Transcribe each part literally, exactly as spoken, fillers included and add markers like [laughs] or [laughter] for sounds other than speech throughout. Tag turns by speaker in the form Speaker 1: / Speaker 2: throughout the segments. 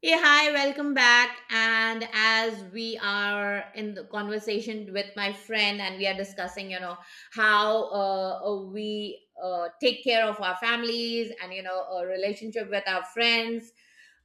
Speaker 1: Hey, hi, welcome back. And as we are in the conversation with my friend, and we are discussing, you know, how uh, uh, we uh, take care of our families and, you know, a relationship with our friends.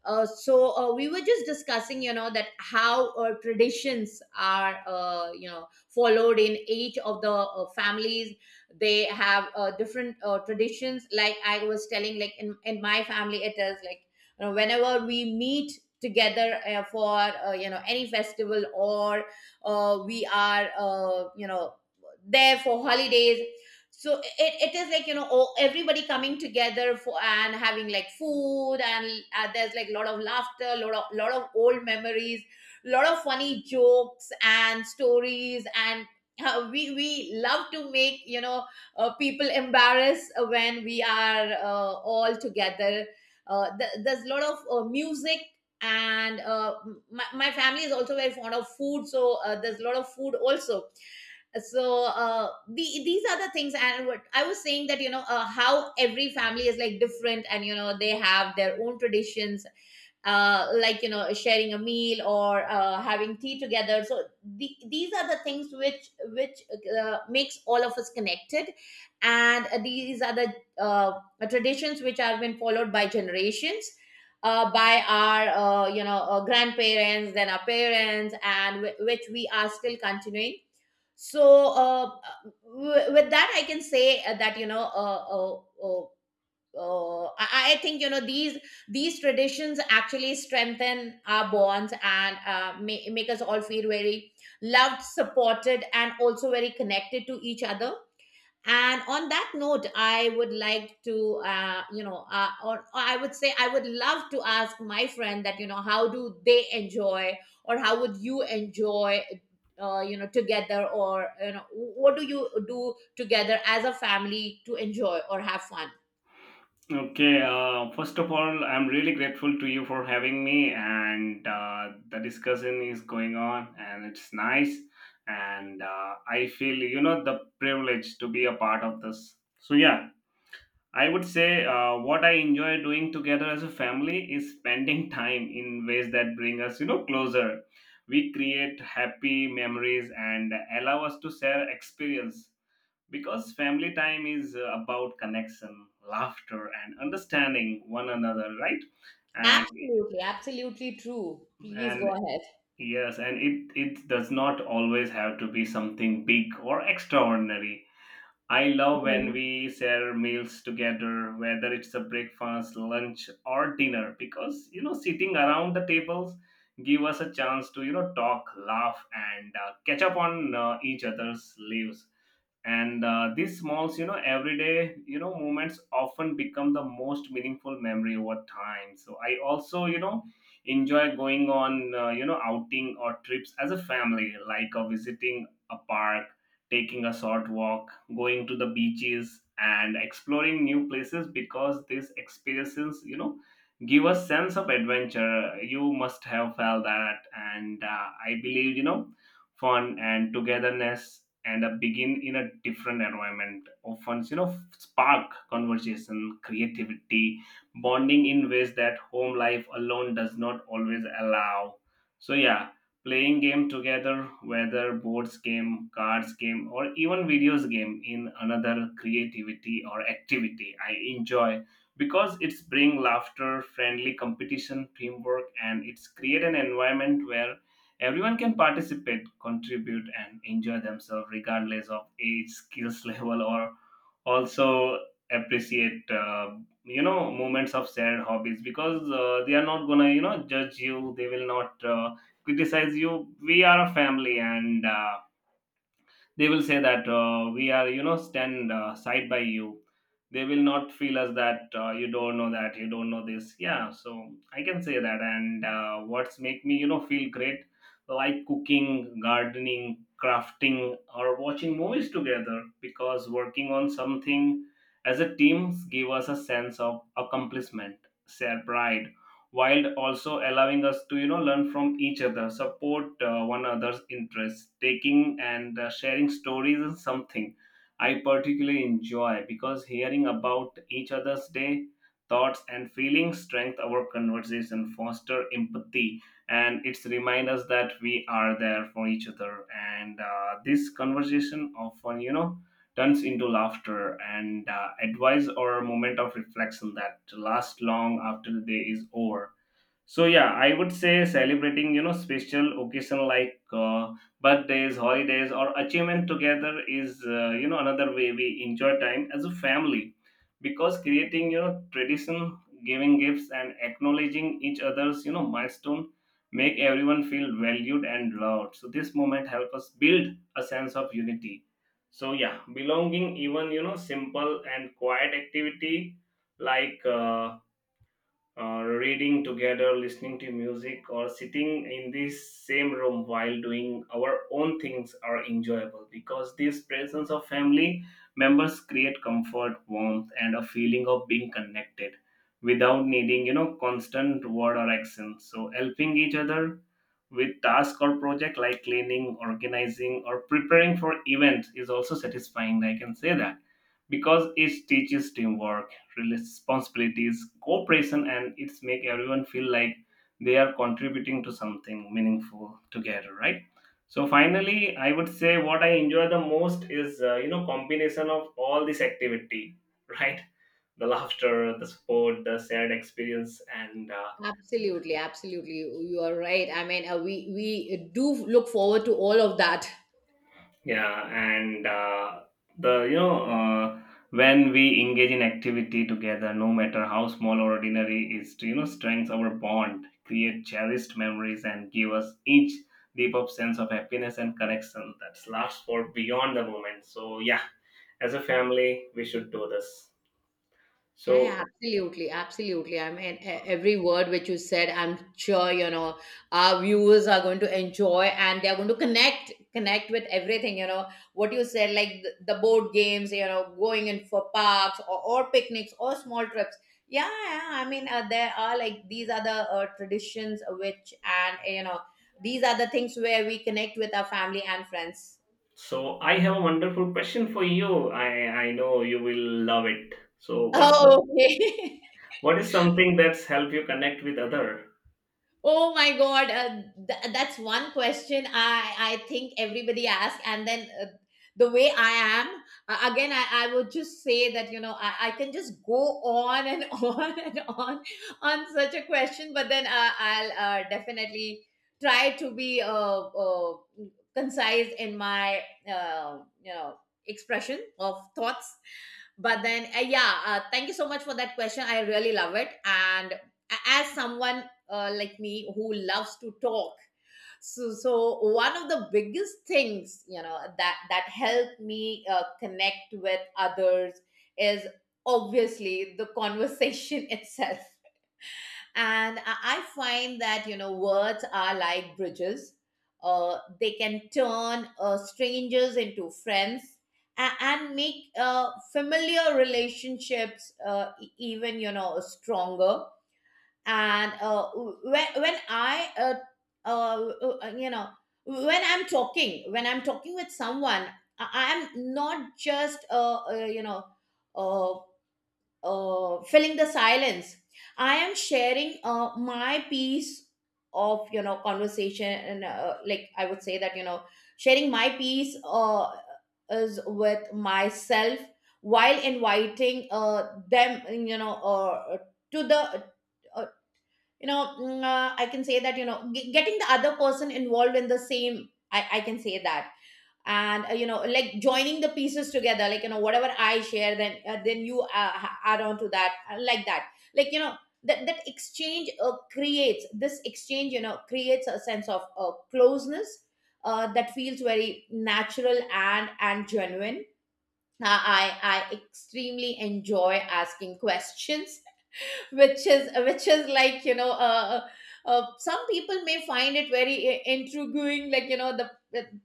Speaker 1: Uh, so uh, we were just discussing, you know, that how uh, traditions are, uh, you know, followed in each of the uh, families. They have uh, different uh, traditions. Like I was telling, like in, in my family, it is like you know whenever we meet together uh, for uh, you know any festival, or uh, we are, uh, you know, there for holidays. So it, it is like you know all, everybody coming together for and having like food, and uh, there's like a lot of laughter, lot of, lot of old memories, lot of funny jokes and stories. And uh, we we love to make, you know, uh, people embarrassed when we are uh, all together. Uh, th- there's a lot of uh, music. And uh, my, my family is also very fond of food, so uh, there's a lot of food also. So uh, the, these are the things. And what I was saying, that you know uh, how every family is like different and you know they have their own traditions, uh, like you know sharing a meal or uh, having tea together. So the, these are the things which which uh, makes all of us connected. And uh, these are the uh, traditions which have been followed by generations, uh, by our uh, you know uh, grandparents, then our parents, and w- which we are still continuing. So uh, w- with that I can say, uh, that you know, uh, uh, uh, uh, I, I think, you know, these these traditions actually strengthen our bonds and uh, ma- make us all feel very loved, supported, and also very connected to each other. And on that note, I would like to, uh, you know, uh, or, or I would say I would love to ask my friend that, you know, how do they enjoy or how would you enjoy. Uh, you know together, or you know, what do you do together as a family to enjoy or have fun?
Speaker 2: Okay, uh, first of all, I'm really grateful to you for having me, and uh, the discussion is going on, and it's nice. And uh, I feel, you know, the privilege to be a part of this. So, yeah, I would say uh, what I enjoy doing together as a family is spending [laughs] time in ways that bring us, you know, closer. We create happy memories and allow us to share experience because family time is uh, about connection, laughter, and understanding one another, right? and
Speaker 1: Absolutely, absolutely true. Please go
Speaker 2: and
Speaker 1: ahead.
Speaker 2: yes, and it it does not always have to be something big or extraordinary. I love when
Speaker 1: Mhm.
Speaker 2: we share meals together, whether it's a breakfast, lunch, or dinner, because you know sitting around the tables give us a chance to you know talk, laugh, and uh, catch up on uh, each other's lives. And uh, these smalls, you know, everyday you know moments often become the most meaningful memory over time. So I also you know enjoy going on uh, you know outing or trips as a family, like uh, visiting a park, taking a short walk, going to the beaches, and exploring new places because these experiences, you know, give a sense of adventure. You must have felt that, and uh, I believe, you know, fun and togetherness and a begin in a different environment often you know spark conversation, creativity, bonding in ways that home life alone does not always allow. So yeah, playing game together, whether boards game, cards game, or even videos game in another creativity or activity I enjoy because it's bring laughter, friendly competition, teamwork, and it's create an environment where everyone can participate, contribute, and enjoy themselves regardless of age, skills [laughs] level, or also appreciate uh, you know moments of shared hobbies because uh, they are not gonna you know judge you, they will not uh, criticize you. We are a family, and uh, they will say that uh, we are you know stand uh, side by you. They will not feel us that uh, you don't know, that you don't know this. Yeah, so I can say that. And uh, what's make me you know feel great, like cooking, gardening, crafting, or watching movies together because working on something as a team give us a sense of accomplishment, share pride, while also allowing us to you know learn from each other, support uh, one another's interests, taking and uh, sharing stories is something I particularly enjoy because hearing about each other's day, thoughts and feelings strengthen our conversation, foster empathy, and it's remind us that we are there for each other. And uh, this conversation often you know turns into laughter and uh, advice or a moment of reflection that lasts long after the day is over. So yeah, I would say celebrating you know special occasion like uh, birthdays, holidays, or achievement together is uh, you know another way we enjoy time as a family, because creating you know tradition, giving gifts, and acknowledging each other's you know milestone make everyone feel valued and loved. So this moment help us build a sense of unity. So yeah, belonging, even you know simple and quiet activity like, Uh, uh, reading together, listening to music, or sitting in this same room while doing our own things are enjoyable because this presence of family members create comfort, warmth, and a feeling of being connected without needing you know constant word or action. So helping each other with task or project like cleaning, organizing, or preparing for events is also satisfying. I can say that because it teaches teamwork, responsibilities, cooperation, and it's make everyone feel like they are contributing to something meaningful together, right? So finally, I would say what I enjoy the most is uh, you know combination of all this activity, [laughs] right? The laughter, the support, the shared experience, and uh,
Speaker 1: Absolutely, absolutely. You are right. I mean, uh, we we do look forward to all of that.
Speaker 2: yeah, and uh, the you know uh, when we engage in activity together, no matter how small or ordinary, is to you know strengths our bond, create cherished memories, and give us each deep up sense of happiness and connection that lasts for beyond the moment. So yeah, as a family, we should do this.
Speaker 1: Yeah,
Speaker 2: So
Speaker 1: yeah, absolutely, absolutely. I mean, e- every word which you said, I'm sure, you know, our viewers are going to enjoy and they're going to connect, connect with everything, you know, what you said, like the, the board games, you know, going in for parks, or, or picnics or small trips. Yeah, yeah. I mean, uh, there are like these are the uh, traditions which, and, you know, these are the things where we connect with our family and friends.
Speaker 2: so I have a wonderful question for you. I I know you will love it. So what's the
Speaker 1: Oh, okay. [laughs]
Speaker 2: what is something that's helped you connect with other?
Speaker 1: Oh my God, uh, th- that's one question I, I think everybody asks. And then, uh, the way I am, uh, again, I, I would just say that, you know, I, I can just go on and [laughs] on and on on such a question. But then, uh, I'll uh, definitely try to be uh, uh, concise in my, uh, you know, expression of thoughts. But then, uh, yeah, uh, thank you so much for that question. I really love it. And a- as someone uh, like me who loves to talk, so so one of the biggest things, you know, that that helped me uh, connect with others is obviously the conversation [laughs] itself. And i I find that, you know, words are like bridges. Uh, they can turn uh, strangers into friends a- and make uh, familiar relationships uh, e- even you know stronger. And uh, when, when I uh, uh, uh, uh, you know when i'm talking when I'm talking with someone, I am not just uh, uh, you know uh, uh, filling the silence. I am sharing uh, my piece of, you know, conversation. And uh, like I would say that, you know, sharing my piece uh, is with myself, while inviting uh, them, you know, uh, to the, uh, you know mm, uh, I can say that, you know, g- getting the other person involved in the same, i, I can say that. And uh, you know, like joining the pieces together, like you know whatever I share, then uh, then you uh, ha- add on to that, uh, like that, like you know, that that exchange uh, creates this exchange you know creates a sense of uh, closeness uh, that feels very natural and and genuine. Uh, i i extremely enjoy asking questions, [laughs] which is which is like you know, uh, uh, uh, some people may find it very i- intriguing, like you know, the,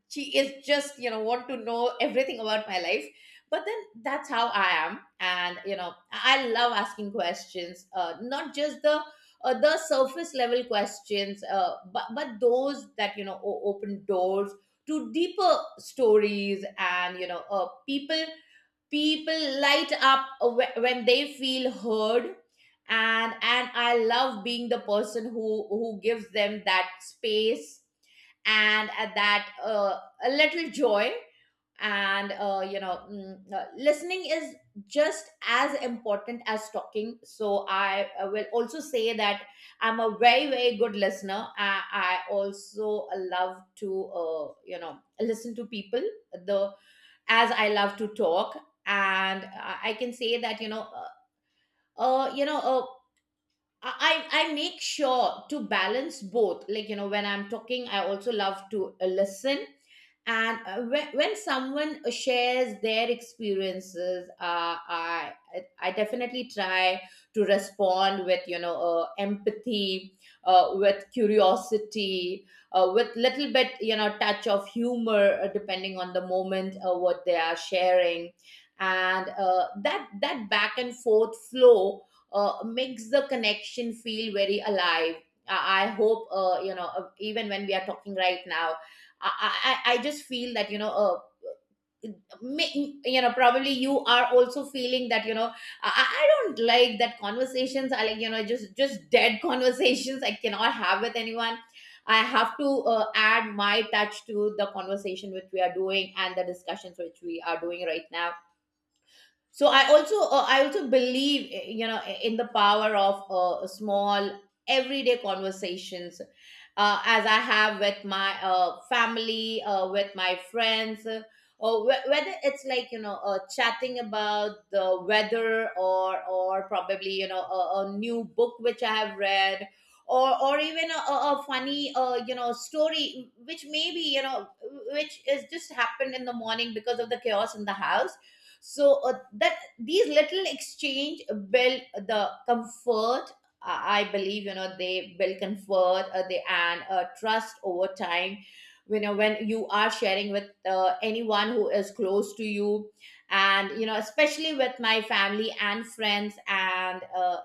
Speaker 1: she is just you know want to know everything about my life. But then that's how I am, and you know I love asking questions, uh, not just the uh, the surface level questions, uh, but but those that, you know, o- open doors to deeper stories. And you know, uh, people people light up wh- when they feel heard, and and I love being the person who who gives them that space and uh, that uh, a little joy. And uh, you know mm, uh, listening is just as important as talking. So I uh, will also say that I'm a very very good listener. I, I also love to, uh, you know, listen to people, the, as I love to talk. And I I can say that, you know, uh, uh, you know, uh, I I I make sure to balance both. Like you know, when I'm talking, I also love to uh, listen. And uh, when, when someone shares their experiences, uh, i i definitely try to respond with, you know, uh, empathy, uh, with curiosity, uh, with little bit, you know, touch of humor, uh, depending on the moment, uh, what they are sharing. And uh, that that back and forth flow uh, makes the connection feel very alive. I I hope, uh, you know, uh, even when we are talking right now, I, I I just feel that, you know, uh, may- you know, probably you are also feeling that, you know, I, I don't like that conversations are like, you know, just just dead [laughs] conversations I cannot have with anyone. I have to uh, add my touch to the conversation which we are doing and the discussions which we are doing right now. So I also uh, I also believe, uh, you know, in the power of uh, small everyday conversations, uh, as I have with my uh, family, uh, with my friends, uh, or wh- whether it's like you know uh, chatting about the weather, or or probably you know a, a new book which I have read, or or even a, a a funny uh, you know story which maybe you know which is just happened in the morning because of the chaos in the house. So uh, that these little exchange build the comfort, uh, I believe, you know, they build comfort, uh, they, and uh, trust over time, you know, when you are sharing with uh, anyone who is close to you. And you know, especially with my family and friends. And uh,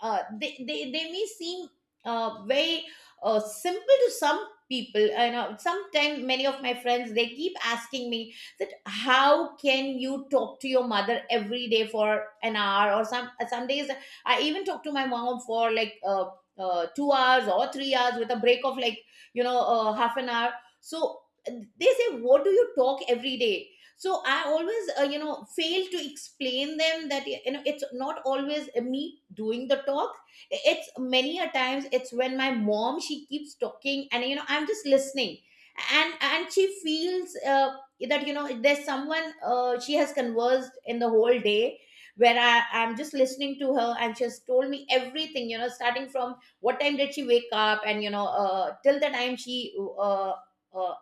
Speaker 1: uh, they, they they may seem uh, very uh, simple to some people. You know, sometimes many of my friends, they keep asking me that how can you talk to your mother every day for an hour? Or some uh, some days, I even talk to my mom for like uh, uh, two hours or three hours with a break of like, you know, uh, half an hour. So uh, they say, what do you talk every day? So I always, uh, you know, fail to explain them that you know, it's not always me doing the talk. It's many a times it's when my mom, she keeps talking and you know I'm just listening. and and she feels uh, that you know there's someone uh, she has conversed in the whole day, where I, i'm just listening to her. And she has told me everything, you know, starting from what time did she wake up, and you know uh, till the time she uh, uh,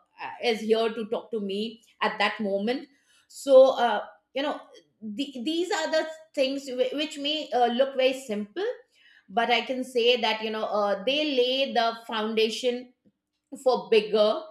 Speaker 1: is here to talk to me at that moment. So uh, you know the, these are the things whi- which may uh, look very simple, but I can say that, you know, uh, they lay the foundation for bigger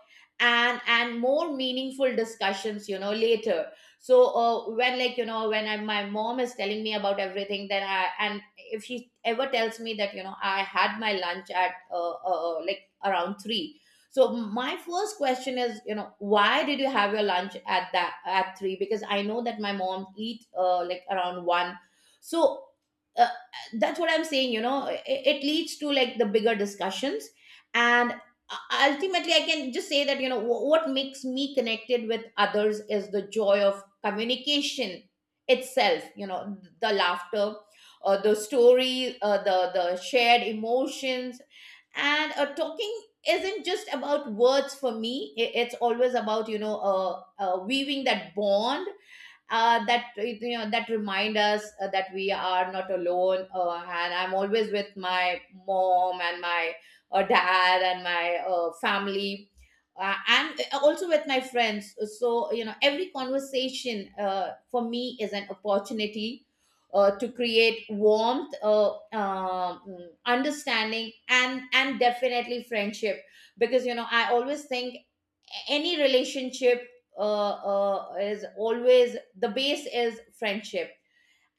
Speaker 1: and and more meaningful discussions, you know, later. So uh, when, like you know, when I, my mom is telling me about everything, then I, and if she ever tells me that, you know, I had my lunch at uh, uh, uh, like around three, so my first question is, you know, why did you have your lunch at that at three? Because I know that my mom eat, uh, like, around one. So uh, that's what I'm saying, you know, it, it leads to like the bigger discussions. And u- ultimately I can just say that, you know, wh- what makes me connected with others is the joy of communication itself, you know, the laughter, uh, the story, uh, the the shared emotions. And uh, talking isn't just about words for me. I- it's always about, you know, uh, uh, weaving that bond, uh, that, you know, that remind us uh, that we are not alone. Uh, and I'm always with my mom and my uh, dad and my uh, family, uh, and also with my friends. So you know every conversation, uh, for me, is an opportunity uh, to create warmth, uh, um, understanding, and and definitely friendship. Because you know I always think any relationship uh, uh, is always, the base is friendship.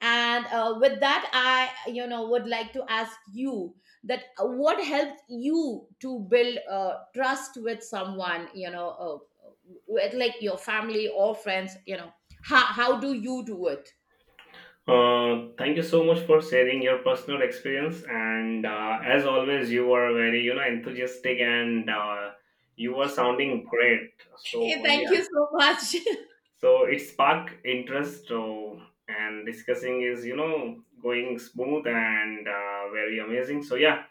Speaker 1: And uh, with that, I, you know, would like to ask you that, uh, what helped you to build uh, trust with someone, you know, uh, with like your family or friends? You know, how, how do you do it?
Speaker 2: Uh, thank you so much for sharing your personal experience. And uh, as always, you are very, you know, enthusiastic and uh, you are sounding great.
Speaker 1: Hey,
Speaker 2: So
Speaker 1: thank
Speaker 2: yeah,
Speaker 1: you so much.
Speaker 2: so it sparked interest. So and discussing is, you know, going smooth and uh, very amazing. So yeah,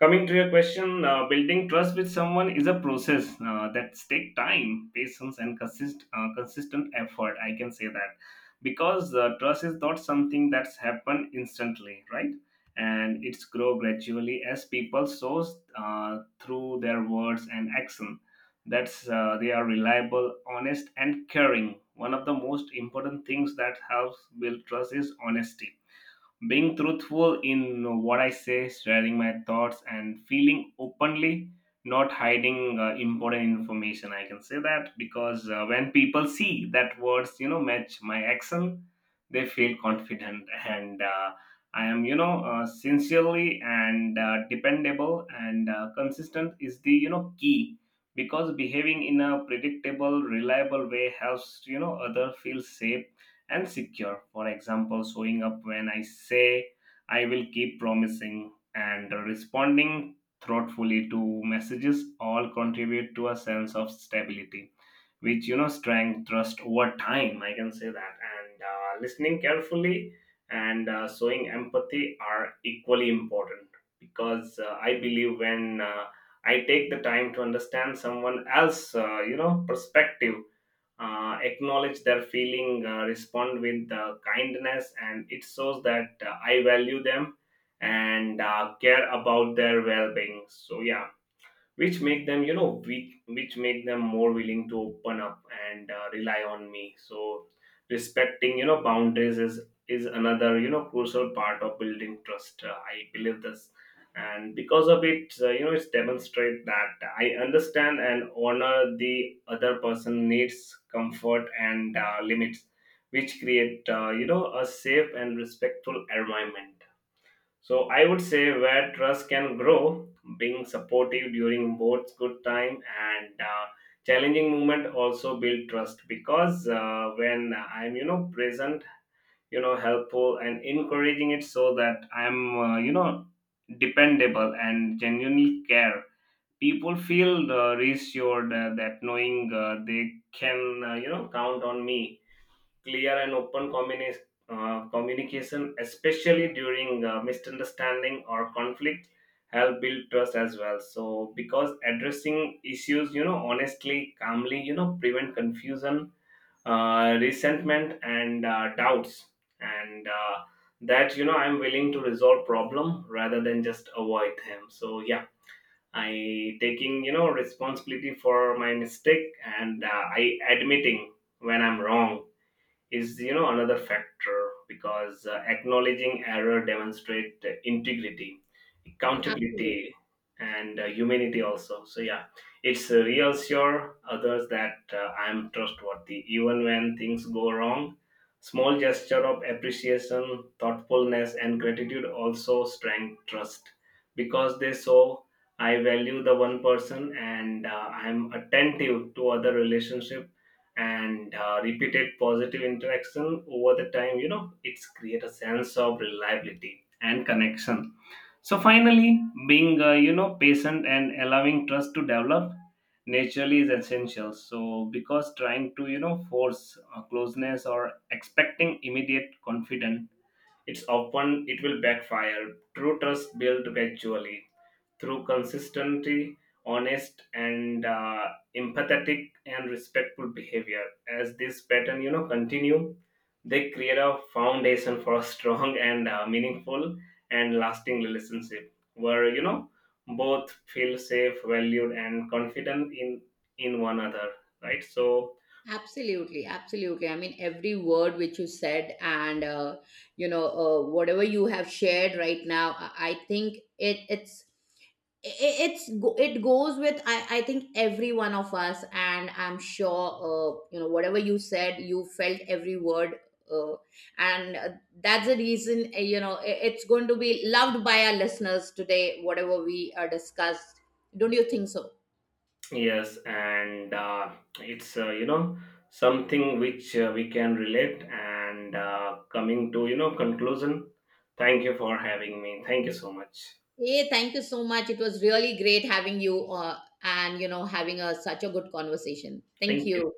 Speaker 2: coming to your question, uh, building trust with someone is a process uh, that take time, patience, and consist, uh, consistent effort. I can say that because uh, trust is not something that's happened instantly, right, and it's grow gradually as people shows uh, through their words and action, that's uh, they are reliable, honest, and caring. One of the most important things that helps build trust is honesty, being truthful in what I say, sharing my thoughts, and feeling openly, not hiding uh, important information. I can say that because uh, when people see that words, you know, match my action, they feel confident, and Uh, I am, you know, uh, sincerely and uh, dependable and uh, consistent is the, you know, key, because behaving in a predictable, reliable way helps, you know, other feel safe and secure. For example, showing up when I say I will keep promising and responding thoughtfully to messages all contribute to a sense of stability, which you know strength trust over time. I can say that, and uh, listening carefully and uh, showing empathy are equally important because uh, I believe when uh, I take the time to understand someone else uh, you know perspective, uh, acknowledge their feeling, uh, respond with uh, kindness, and it shows that uh, I value them and uh, care about their well-being. So yeah, which make them you know weak, which make them more willing to open up and uh, rely on me. So respecting you know boundaries is is another you know crucial part of building trust, uh, I believe this, and because of it, uh, you know it's demonstrate that I understand and honor the other person needs comfort and uh, limits, which create uh, you know a safe and respectful environment, so I would say, where trust can grow, being supportive during both good time and uh, challenging moment also build trust because uh, when I'm you know present, you know helpful and encouraging, it so that I'm uh, you know dependable and genuinely care. People feel uh, reassured, uh, that knowing uh, they can uh, you know count on me. Clear and open communi- uh, communication, especially during uh, misunderstanding or conflict, help build trust as well. So, because addressing issues, you know, honestly, calmly, you know, prevent confusion, uh, resentment, and uh, doubts, and uh, that you know, I'm willing to resolve problem rather than just avoid them. So, yeah. I taking you know responsibility for my mistake and uh, I admitting when I'm wrong is you know another factor because uh, acknowledging error demonstrate uh, integrity,
Speaker 1: [laughs]
Speaker 2: accountability,
Speaker 1: Absolutely.
Speaker 2: and uh, humanity also. So yeah, it's uh, reassure others that uh, I am trustworthy even when things go wrong. Small gesture of appreciation, thoughtfulness, and gratitude also strengthen trust because they show I value the one person and uh, I am attentive to other relationship, and uh, repeated positive interaction over the time you know it's create a sense of reliability and connection. So finally, being uh, you know patient and allowing trust to develop naturally is essential. So because trying to you know force uh, closeness or expecting immediate confidence, it's often it will backfire. True trust built gradually through consistency, honest, and uh, empathetic and respectful behavior. As this pattern, you know, continue, they create a foundation for a strong [laughs] and uh, meaningful and lasting relationship where you know both feel safe, valued, and confident in in one another. Right. So
Speaker 1: Absolutely, absolutely. I mean, every word which you said, and uh, you know, uh, whatever you have shared right now, I I think it it's I- it's go- it goes with, I, I think, every one of us. And I'm sure, uh, you know, whatever you said, you felt every word. uh, and uh, that's the reason, uh, you know, i- it's going to be loved by our listeners today, whatever we are discussed. Don't you think so?
Speaker 2: yes, and uh, it's uh, you know something which uh, we can relate. And uh, coming to you know conclusion, thank you for having me. Thank you so much.
Speaker 1: Hey, thank you so much. It was really great having you, uh, and you know having a, such a good conversation. Thank
Speaker 2: Thank you.
Speaker 1: you.